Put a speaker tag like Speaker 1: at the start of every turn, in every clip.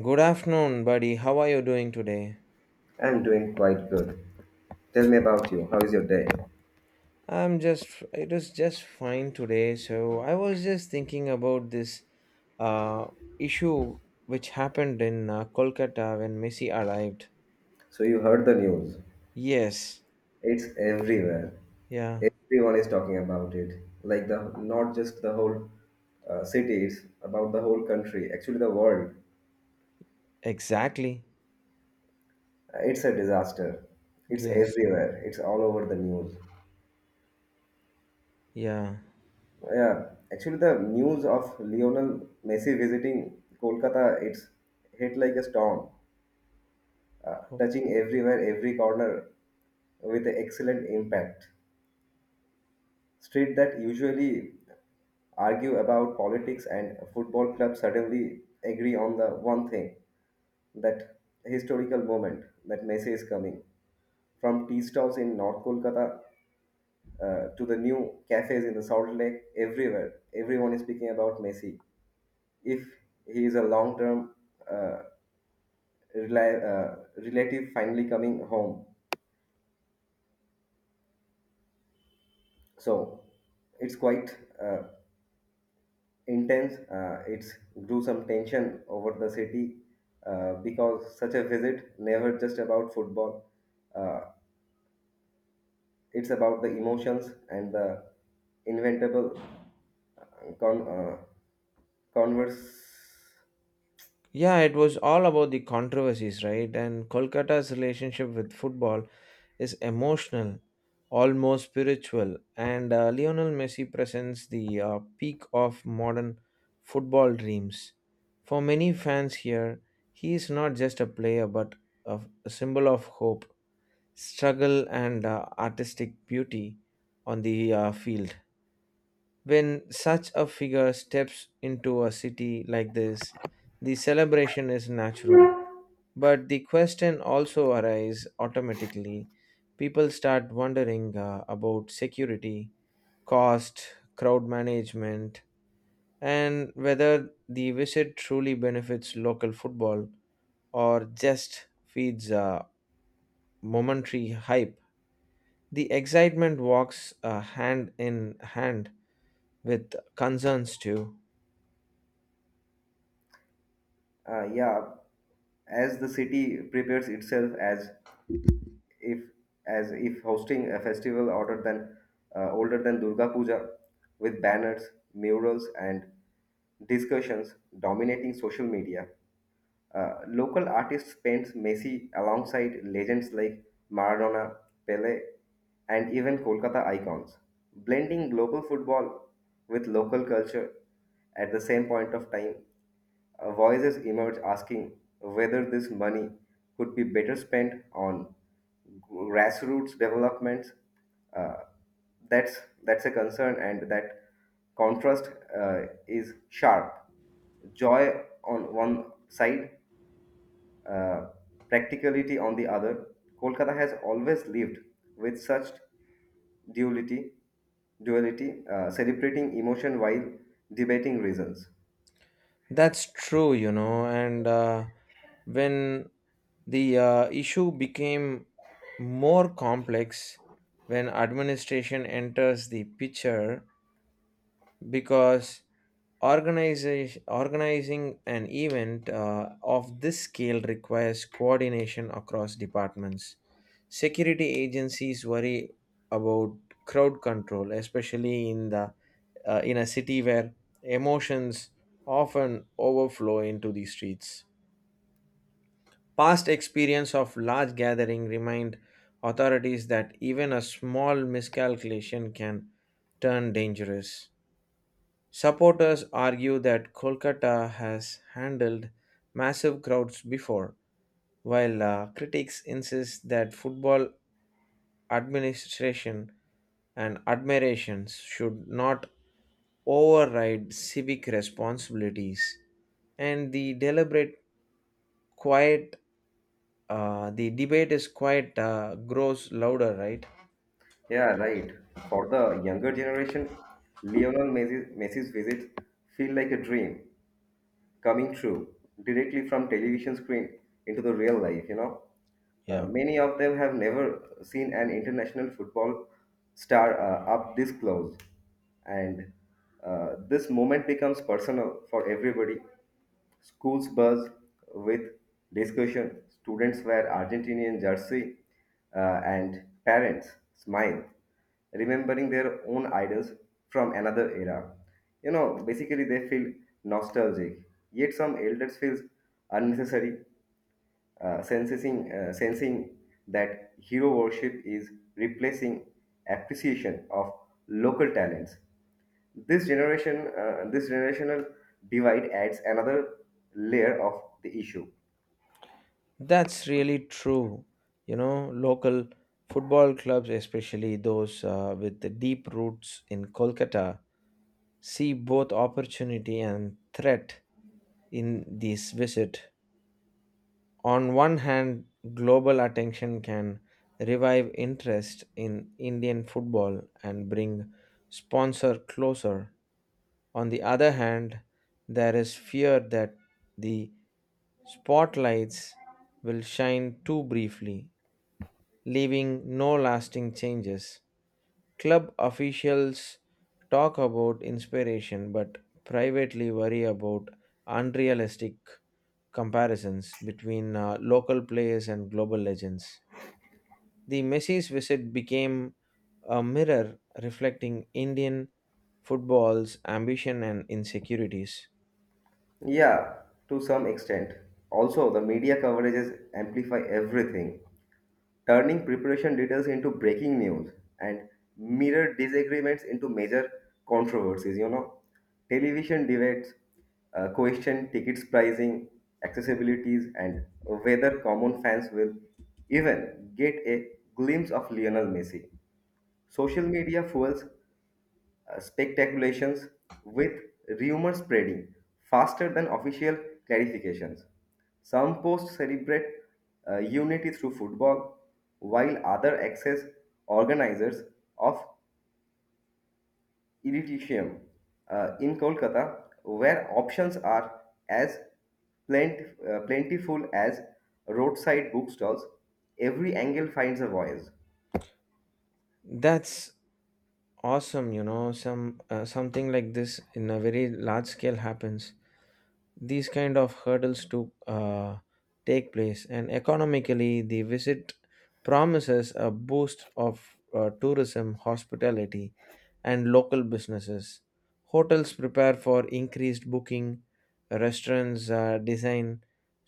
Speaker 1: Good afternoon, buddy. How are you doing today?
Speaker 2: I'm doing quite good. Tell me about you. How is your day?
Speaker 1: I'm just, it is just fine today. So I was just thinking about this uh, issue which happened in Kolkata when Messi arrived.
Speaker 2: So, you heard the news.
Speaker 1: Yes.
Speaker 2: It's everywhere.
Speaker 1: Yeah.
Speaker 2: Everyone is talking about it. Like, the Not just the whole city, it's about the whole country, actually, the world.
Speaker 1: Exactly.
Speaker 2: It's a disaster. It's
Speaker 1: Yes.
Speaker 2: everywhere. It's all over the news.
Speaker 1: Yeah.
Speaker 2: Yeah, actually, the news of Lionel Messi visiting Kolkata, it's hit like a storm, touching everywhere, every corner with excellent impact. Street that usually argue about politics and football clubs suddenly agree on the one thing, that historical moment that Messi is coming. From tea stalls in North Kolkata to the new cafes in the Salt Lake, everywhere, everyone is speaking about Messi. If he is a long term uh, rela- uh, relative finally coming home. So it's quite intense. It grew some tension over the city because such a visit never just about football. Uh, it's about the emotions and the inventable uh, con- uh, converse.
Speaker 1: Yeah, it was all about the controversies, right? And Kolkata's relationship with football is emotional, almost spiritual. And Lionel Messi presents the peak of modern football dreams. For many fans here, he is not just a player but a symbol of hope, struggle, and artistic beauty on the field. When such a figure steps into a city like this, the celebration is natural. But the question also arises automatically. People start wondering about security, cost, crowd management, and whether the visit truly benefits local football or just feeds a momentary hype. The excitement walks hand in hand with concerns too.
Speaker 2: Yeah, as the city prepares itself if as if hosting a festival older than Durga Puja, with banners, murals, and discussions dominating social media. Local artists paint Messi alongside legends like Maradona, Pele, and even Kolkata icons, blending global football with local culture at the same point of time. Voices emerge asking whether this money could be better spent on grassroots developments. Uh, that's a concern, and that contrast is sharp. Joy on one side, uh, practicality on the other. Kolkata has always lived with such duality, celebrating emotion while debating reasons.
Speaker 1: That's true, you know, and when the issue became more complex when administration enters the picture because organizing an event of this scale requires coordination across departments. Security agencies worry about crowd control, especially in the in a city where emotions often overflow into the streets. Past experience of large gathering remind authorities that even a small miscalculation can turn dangerous. Supporters argue that Kolkata has handled massive crowds before, while critics insist that football administration and admirations should not override civic responsibilities. And the deliberate quiet, the debate is quite grows louder, right?
Speaker 2: Yeah, right. For the younger generation, Messi's visit feel like a dream, coming true directly from television screen into the real life, you know.
Speaker 1: Yeah.
Speaker 2: Many of them have never seen an international football star up this close. And This moment becomes personal for everybody. Schools buzz with discussion. Students wear Argentinian jersey, and parents smile, remembering their own idols from another era. You know, basically they feel nostalgic. Yet some elders feels unnecessary, sensing that hero worship is replacing appreciation of local talents. This generational divide adds another layer of the issue.
Speaker 1: That's really true. You know, local football clubs, especially those with the deep roots in Kolkata, see both opportunity and threat in this visit. On one hand, global attention can revive interest in Indian football and bring sponsor closer. On the other hand, there is fear that the spotlights will shine too briefly leaving no lasting changes. Club officials talk about inspiration but privately worry about unrealistic comparisons between local players and global legends. The Messi's visit became a mirror reflecting Indian football's ambition and insecurities.
Speaker 2: Yeah, to some extent. Also, the media coverages amplify everything, turning preparation details into breaking news and mirror disagreements into major controversies, you know. Television debates question tickets pricing, accessibilities, and whether common fans will even get a glimpse of Lionel Messi. Social media fuels speculations with rumor spreading faster than official clarifications. Some posts celebrate unity through football, while others accuse organizers of elitism. In Kolkata, where options are as plentiful as roadside bookstalls, every angle finds a voice.
Speaker 1: That's awesome, you know, some something like this in a very large scale happens. These kind of hurdles to take place, and economically the visit promises a boost of tourism, hospitality, and local businesses. Hotels prepare for increased booking, restaurants design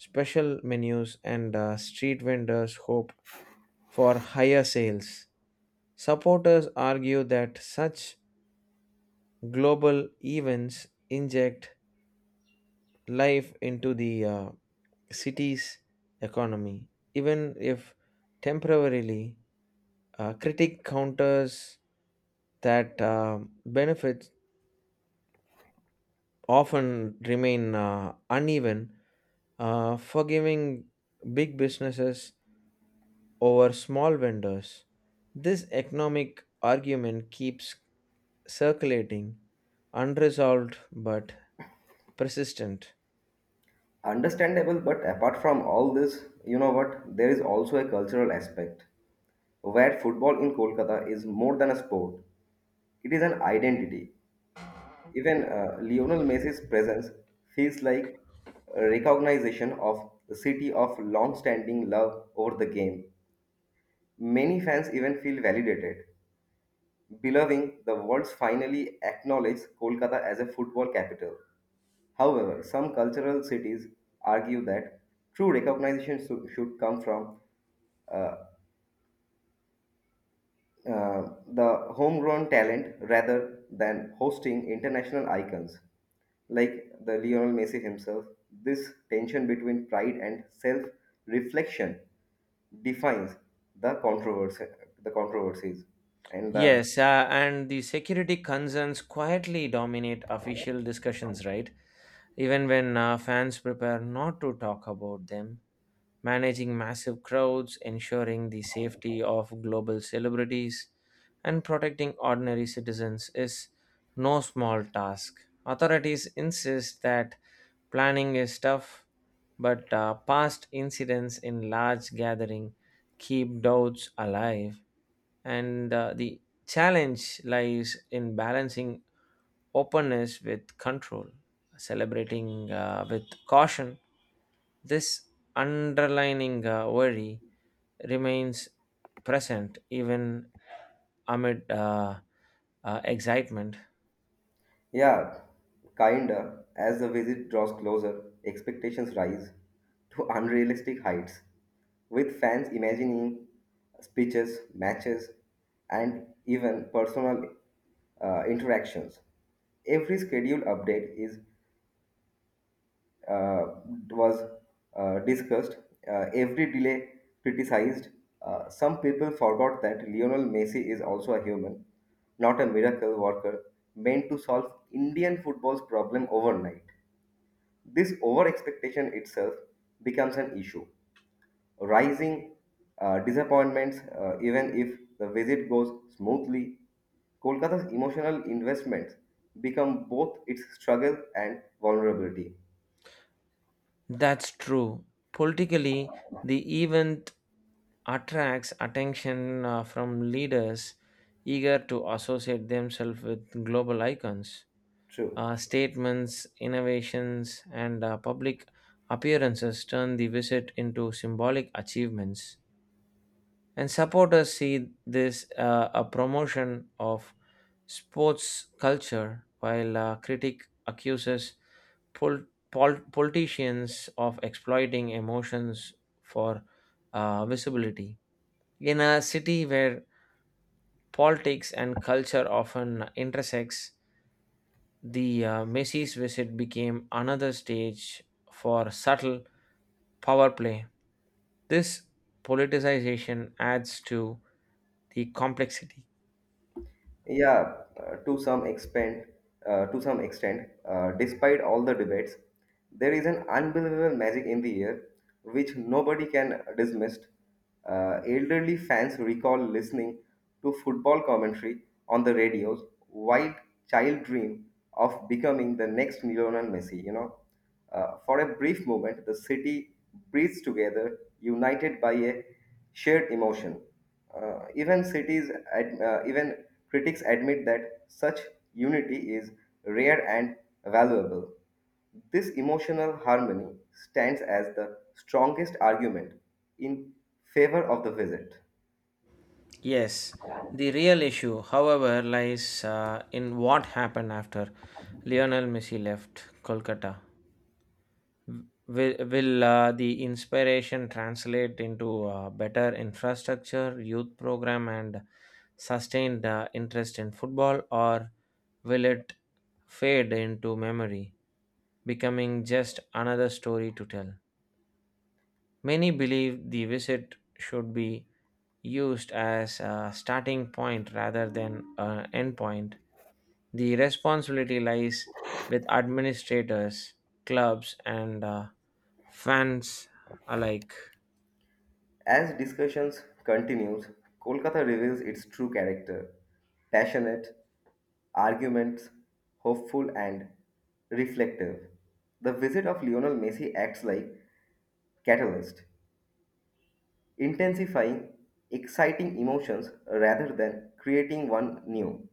Speaker 1: special menus, and street vendors hope for higher sales. Supporters argue that such global events inject life into the city's economy, even if temporarily. Critic counters that benefits often remain uneven, forgiving big businesses over small vendors. This economic argument keeps circulating, unresolved but persistent.
Speaker 2: Understandable, but apart from all this, you know what? There is also a cultural aspect, where football in Kolkata is more than a sport, it is an identity. Even Lionel Messi's presence feels like a recognition of the city of long standing love over the game. Many fans even feel validated, believing the world finally acknowledges Kolkata as a football capital. However, some cultural cities argue that true recognition should come from uh, uh, the homegrown talent rather than hosting international icons like the Lionel Messi himself. This tension between pride and self-reflection defines the controversy, the controversies, and the
Speaker 1: Yes, and the security concerns quietly dominate official discussions, right? Even when fans prepare not to talk about them, managing massive crowds, ensuring the safety of global celebrities, and protecting ordinary citizens is no small task. Authorities insist that planning is tough, but past incidents in large gathering keep doubts alive, and the challenge lies in balancing openness with control, celebrating with caution. This underlining worry remains present even amid excitement.
Speaker 2: Yeah, kinda. As the visit draws closer, expectations rise to unrealistic heights, with fans imagining speeches, matches, and even personal interactions. Every schedule update is uh, was discussed, every delay criticized. Some people forgot that Lionel Messi is also a human, not a miracle worker meant to solve Indian football's problem overnight. This over expectation itself becomes an issue, rising disappointments. Even if the visit goes smoothly, Kolkata's emotional investments become both its struggle and vulnerability.
Speaker 1: That's true. Politically, the event attracts attention from leaders eager to associate themselves with global icons.
Speaker 2: True.
Speaker 1: Statements, innovations, and public appearances turn the visit into symbolic achievements. And supporters see this a promotion of sports culture, while critic accuses pol- politicians of exploiting emotions for visibility. In a city where politics and culture often intersects, the Messi's visit became another stage for subtle power play. This politicization adds to the complexity.
Speaker 2: Yeah, to some extent, despite all the debates, there is an unbelievable magic in the air which nobody can dismiss. Elderly fans recall listening to football commentary on the radios while child dream of becoming the next Lionel Messi, you know. For a brief moment, the city breathes together, united by a shared emotion. Even critics admit that such unity is rare and valuable. This emotional harmony stands as the strongest argument in favor of the visit.
Speaker 1: Yes, the real issue, however, lies in what happened after Lionel Messi left Kolkata. Will the inspiration translate into better infrastructure, youth program, and sustained interest in football, or will it fade into memory, becoming just another story to tell? Many believe the visit should be used as a starting point rather than an end point. The responsibility lies with administrators, clubs, and fans alike.
Speaker 2: As discussions continues, Kolkata reveals its true character: passionate, arguments, hopeful and reflective. The visit of Lionel Messi acts like catalyst, intensifying exciting emotions rather than creating one new.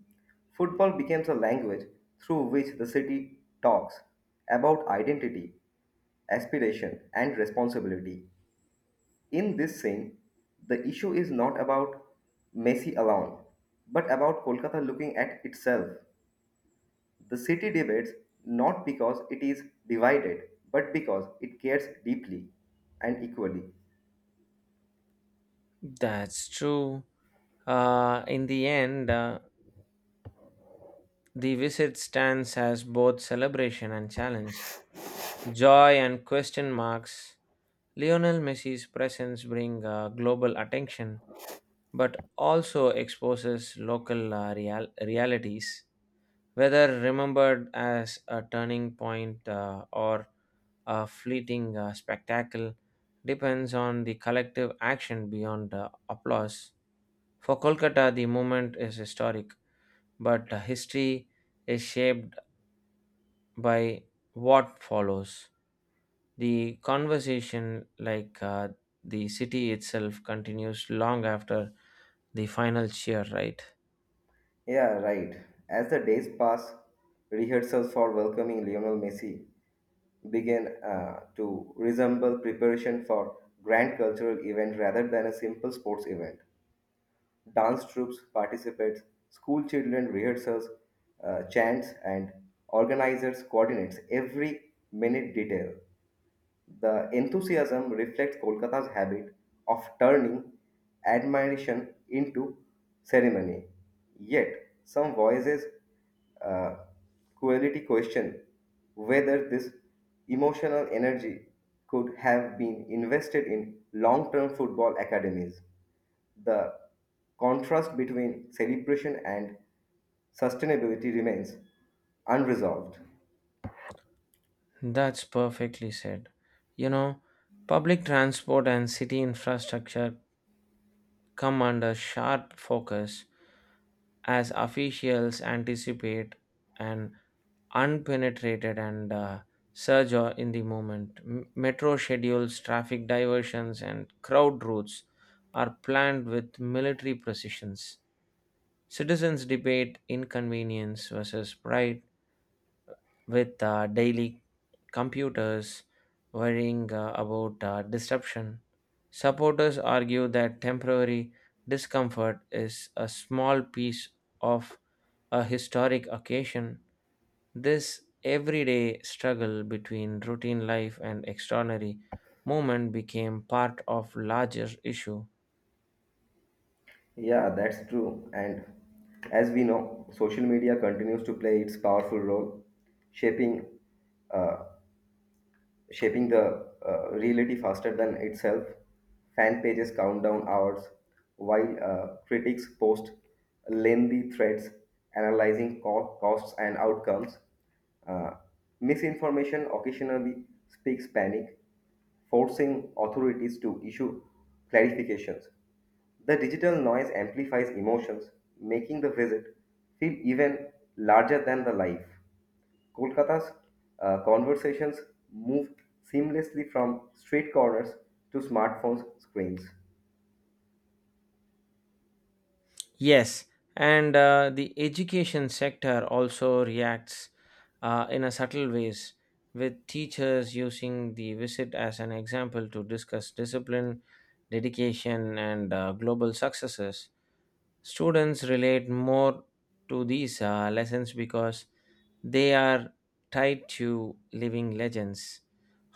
Speaker 2: Football becomes a language through which the city talks about identity, aspiration and responsibility. In this scene, the issue is not about Messi alone, but about Kolkata looking at itself. The city divides not because it is divided, but because it cares deeply and equally.
Speaker 1: That's true. In the end, the visit stands as both celebration and challenge. Joy and question marks. Lionel Messi's presence bring global attention but also exposes local realities, whether remembered as a turning point or a fleeting spectacle depends on the collective action beyond applause. For Kolkata, the moment is historic, but history is shaped by what follows. The conversation, like the city itself, continues long after the final cheer, right?
Speaker 2: Yeah, right. As the days pass, rehearsals for welcoming Lionel Messi began to resemble preparation for grand cultural event rather than a simple sports event. Dance troops participates, school children rehearsals, chants, and organizers coordinates every minute detail. The enthusiasm reflects Kolkata's habit of turning admiration into ceremony. Yet, some voices uh, quality question whether this emotional energy could have been invested in long term football academies. The contrast between celebration and sustainability remains unresolved.
Speaker 1: That's perfectly said. You know, public transport and city infrastructure come under sharp focus as officials anticipate an unpenetrated and surge in the moment. Metro schedules, traffic diversions, and crowd routes are planned with military precisions. Citizens debate inconvenience versus pride with daily computers worrying about disruption. Supporters argue that temporary discomfort is a small piece of a historic occasion. This everyday struggle between routine life and extraordinary movement became part of larger issue.
Speaker 2: Yeah, that's true. And as we know, social media continues to play its powerful role, shaping uh, shaping the reality faster than itself. Fan pages count down hours, while critics post lengthy threads analyzing costs and outcomes. Uh, Misinformation occasionally speaks panic, forcing authorities to issue clarifications. The digital noise amplifies emotions, making the visit feel even larger than the life. Kolkata's conversations moved seamlessly from street corners to smartphone screens.
Speaker 1: Yes, and the education sector also reacts in a subtle ways, with teachers using the visit as an example to discuss discipline, dedication, and global successes. Students relate more to these lessons because they are tied to living legends.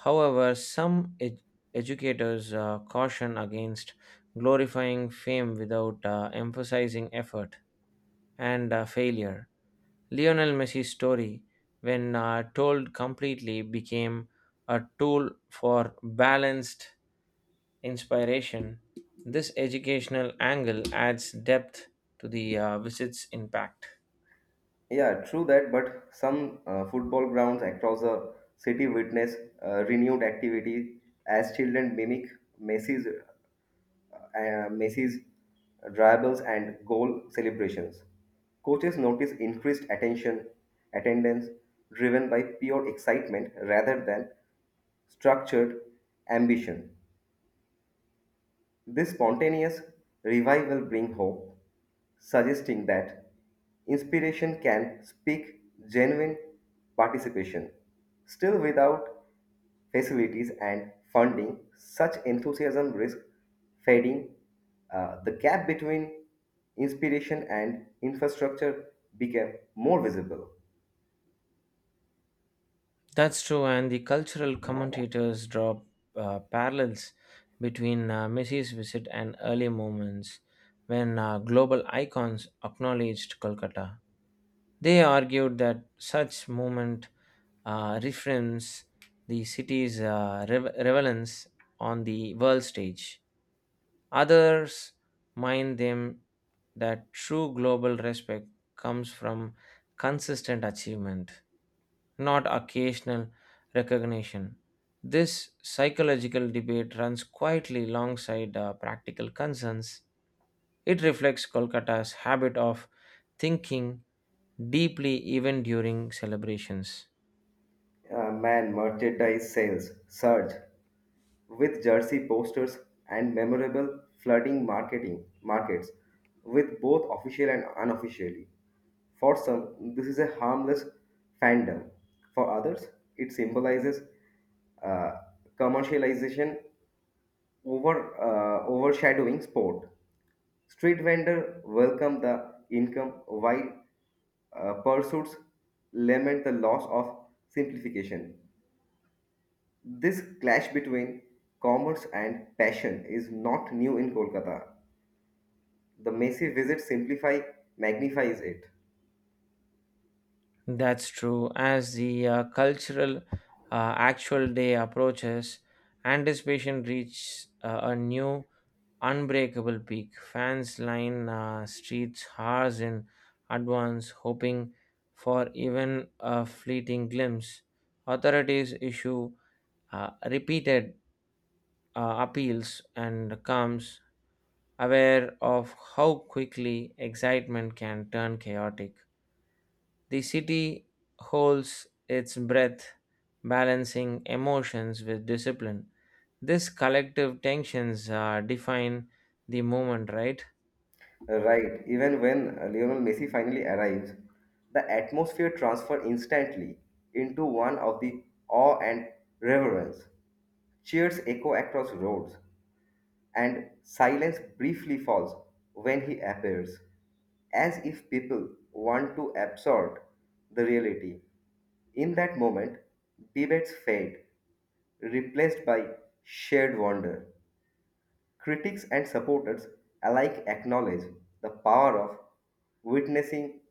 Speaker 1: However, some educators caution against glorifying fame without emphasizing effort and failure. Lionel Messi's story, when told completely, became a tool for balanced inspiration. This educational angle adds depth to the visit's impact.
Speaker 2: Yeah, true that, but some football grounds across the city witness renewed activity as children mimic Messi's dribbles and goal celebrations. Coaches notice increased attention, attendance driven by pure excitement rather than structured ambition. This spontaneous revival brings hope, suggesting that inspiration can speak genuine participation. Still, without facilities and funding, such enthusiasm risks fading. The gap between inspiration and infrastructure became more visible.
Speaker 1: That's true, and the cultural commentators draw parallels between Messi's visit and early moments when global icons acknowledged Kolkata. They argued that such movement reframes the city's relevance on the world stage. Others mind them that true global respect comes from consistent achievement, not occasional recognition. This psychological debate runs quietly alongside practical concerns. It reflects Kolkata's habit of thinking deeply even during celebrations.
Speaker 2: Man merchandise sales surged with jersey posters and memorable flooding marketing markets with both official and unofficially. For some, this is a harmless fandom. For others, it symbolizes uh, commercialization over overshadowing sport. Street vendor welcome the income while pursuits lament the loss of simplification. This clash between commerce and passion is not new in Kolkata. The Messi visit simplify magnifies it.
Speaker 1: That's true. As the cultural actual day approaches, anticipation reaches a new unbreakable peak. Fans line streets hours in advance, hoping for even a fleeting glimpse. Authorities issue repeated appeals and comes aware of how quickly excitement can turn chaotic. The city holds its breath, balancing emotions with discipline. This collective tensions define the movement, right?
Speaker 2: Right, even when Lionel Messi finally arrives, the atmosphere transfer instantly into one of the awe and reverence. Cheers echo across roads, and silence briefly falls when he appears, as if people want to absorb the reality. In that moment, debates fade, replaced by shared wonder. Critics and supporters alike acknowledge the power of witnessing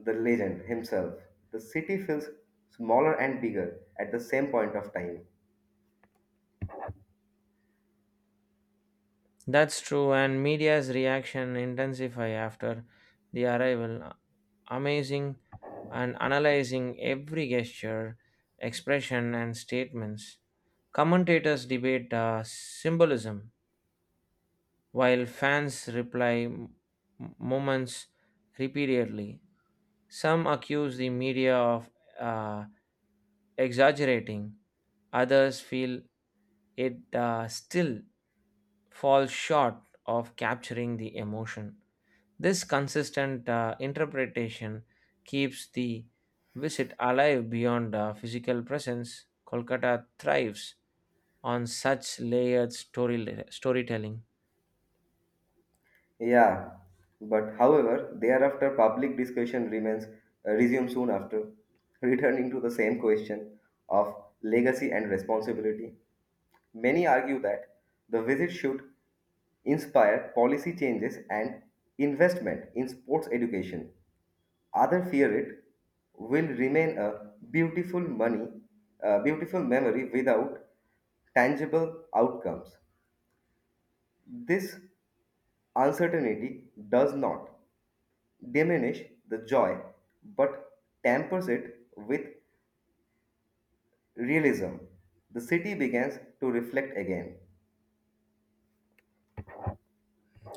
Speaker 2: the legend himself. The city feels smaller and bigger at the same point of time.
Speaker 1: That's true, and media's reaction intensify after the arrival, amazing and analyzing every gesture, expression, and statements. Commentators debate symbolism, while fans reply moments repeatedly. Some accuse the media of uh, exaggerating, others feel it still falls short of capturing the emotion. This consistent interpretation keeps the visit alive beyond physical presence. Kolkata thrives on such layered storytelling.
Speaker 2: Yeah, but however, thereafter public discussion remains resumes soon after, returning to the same question of legacy and responsibility. Many argue that the visit should inspire policy changes and investment in sports education. Others fear it will remain a beautiful money, a beautiful memory without tangible outcomes. This uncertainty does not diminish the joy but tampers it with realism. The city begins to reflect again.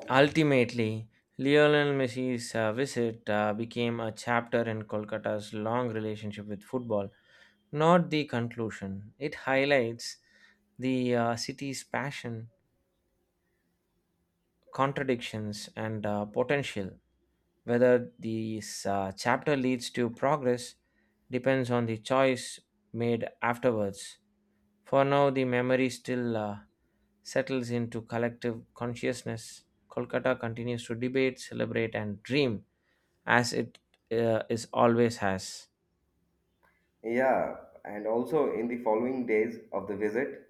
Speaker 1: Ultimately, Lionel Messi's visit became a chapter in Kolkata's long relationship with football, not the conclusion. It highlights the city's passion, contradictions, and potential. Whether this chapter leads to progress depends on the choice made afterwards. For now, the memory still settles into collective consciousness. Kolkata continues to debate, celebrate, and dream as it is always has.
Speaker 2: Yeah, and also in the following days of the visit,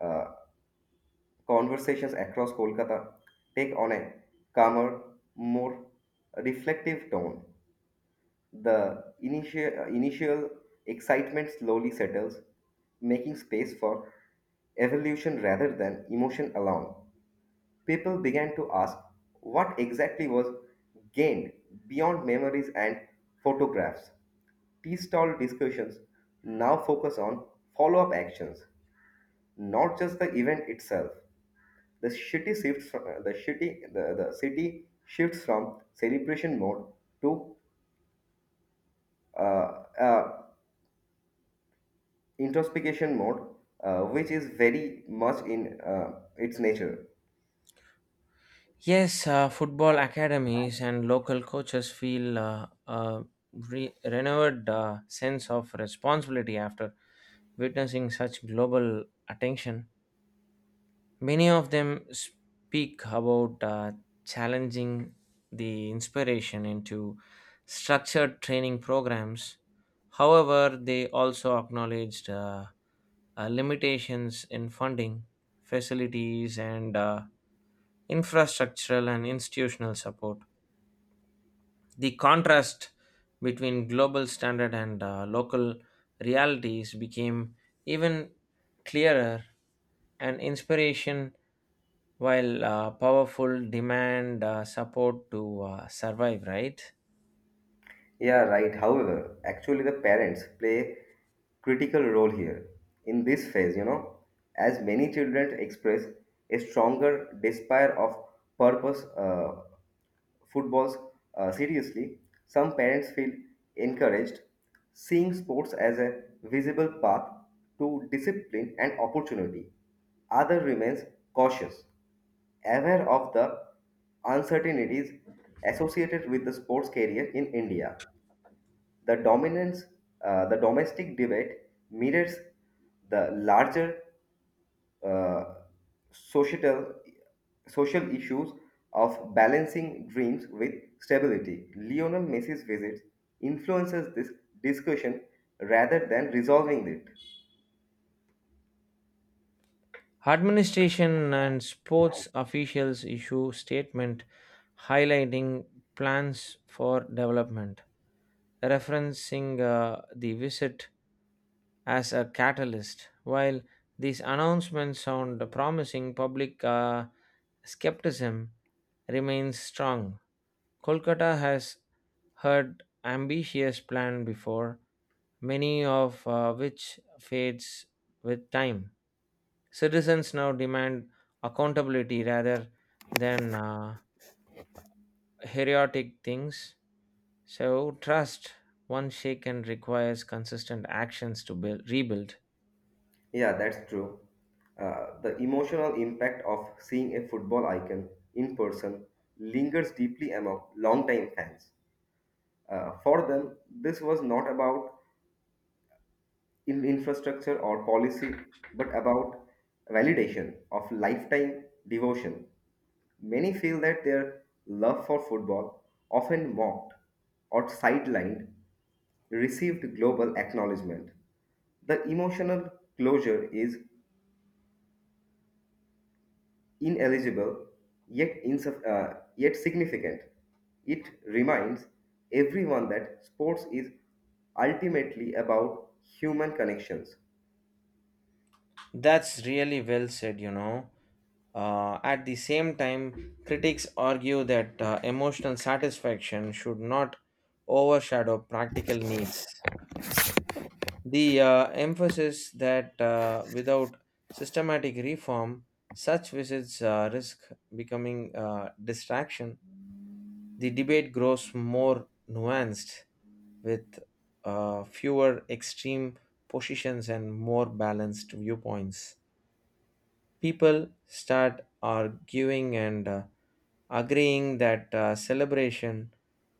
Speaker 2: uh, conversations across Kolkata take on a calmer, more reflective tone. The initial excitement slowly settles, making space for evolution rather than emotion alone. People began to ask what exactly was gained beyond memories and photographs. Tea stall discussions now focus on follow up actions, not just the event itself. The city shifts from celebration mode to uh, uh, introspection mode, which is very much in its nature.
Speaker 1: Yes, football academies and local coaches feel a renewed sense of responsibility after witnessing such global attention. Many of them speak about challenging the inspiration into structured training programs. However, they also acknowledged limitations in funding, facilities, and infrastructural and institutional support. The contrast between global standard and local realities became even clearer, and inspiration, while powerful, demand support to survive, right?
Speaker 2: Yeah, right. However, actually, the parents play critical role here in this phase, you know, as many children express a stronger desire of purpose footballs seriously, some parents feel encouraged, seeing sports as a visible path to discipline and opportunity. Other remains cautious, aware of the uncertainties associated with the sports career in India. The dominance, the domestic debate mirrors the larger uh, societal social issues of balancing dreams with stability. Lionel Messi's visit influences this discussion rather than resolving it.
Speaker 1: Administration and sports officials issue statement highlighting plans for development, referencing the visit as a catalyst. While these announcements sound promising, public skepticism remains strong. Kolkata has heard ambitious plan before, many of which fades with time. Citizens now demand accountability rather than heroic things. So, trust once shaken requires consistent actions to rebuild.
Speaker 2: Yeah, that's true. The emotional impact of seeing a football icon in person lingers deeply among longtime fans. For them, this was not about in infrastructure or policy, but about validation of lifetime devotion. Many feel that their love for football, often mocked or sidelined, received global acknowledgement. The emotional closure is ineligible yet significant. It reminds everyone that sports is ultimately about human connections.
Speaker 1: That's really well said, you know. At the same time, critics argue that emotional satisfaction should not overshadow practical needs. The emphasis that without systematic reform, such visits risk becoming distraction. The debate grows more nuanced with fewer extreme positions and more balanced viewpoints. People start arguing and agreeing that celebration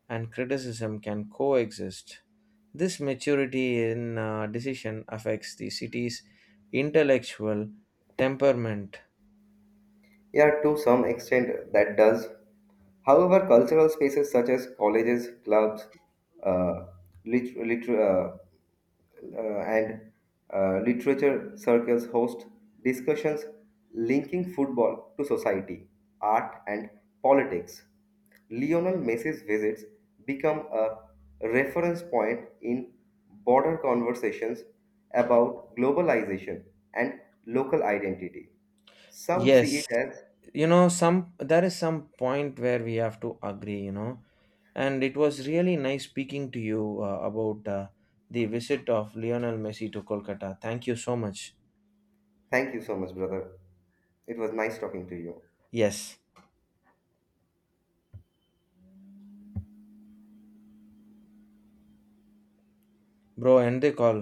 Speaker 1: and criticism can coexist. This maturity in decision affects the city's intellectual temperament.
Speaker 2: Yeah, to some extent that does. However, cultural spaces such as colleges, clubs, uh, lit- lit- uh, and literature circles host discussions linking football to society, art, and politics. Lionel Messi's visits become a reference point in broader conversations about globalization and local identity. Some see it
Speaker 1: Yes,
Speaker 2: as
Speaker 1: you know, some there is some point where we have to agree, you know, and it was really nice speaking to you about the visit of Lionel Messi to Kolkata. Thank you so much.
Speaker 2: Thank you so much, brother. It was nice talking to you.
Speaker 1: Yes, bro, end the call.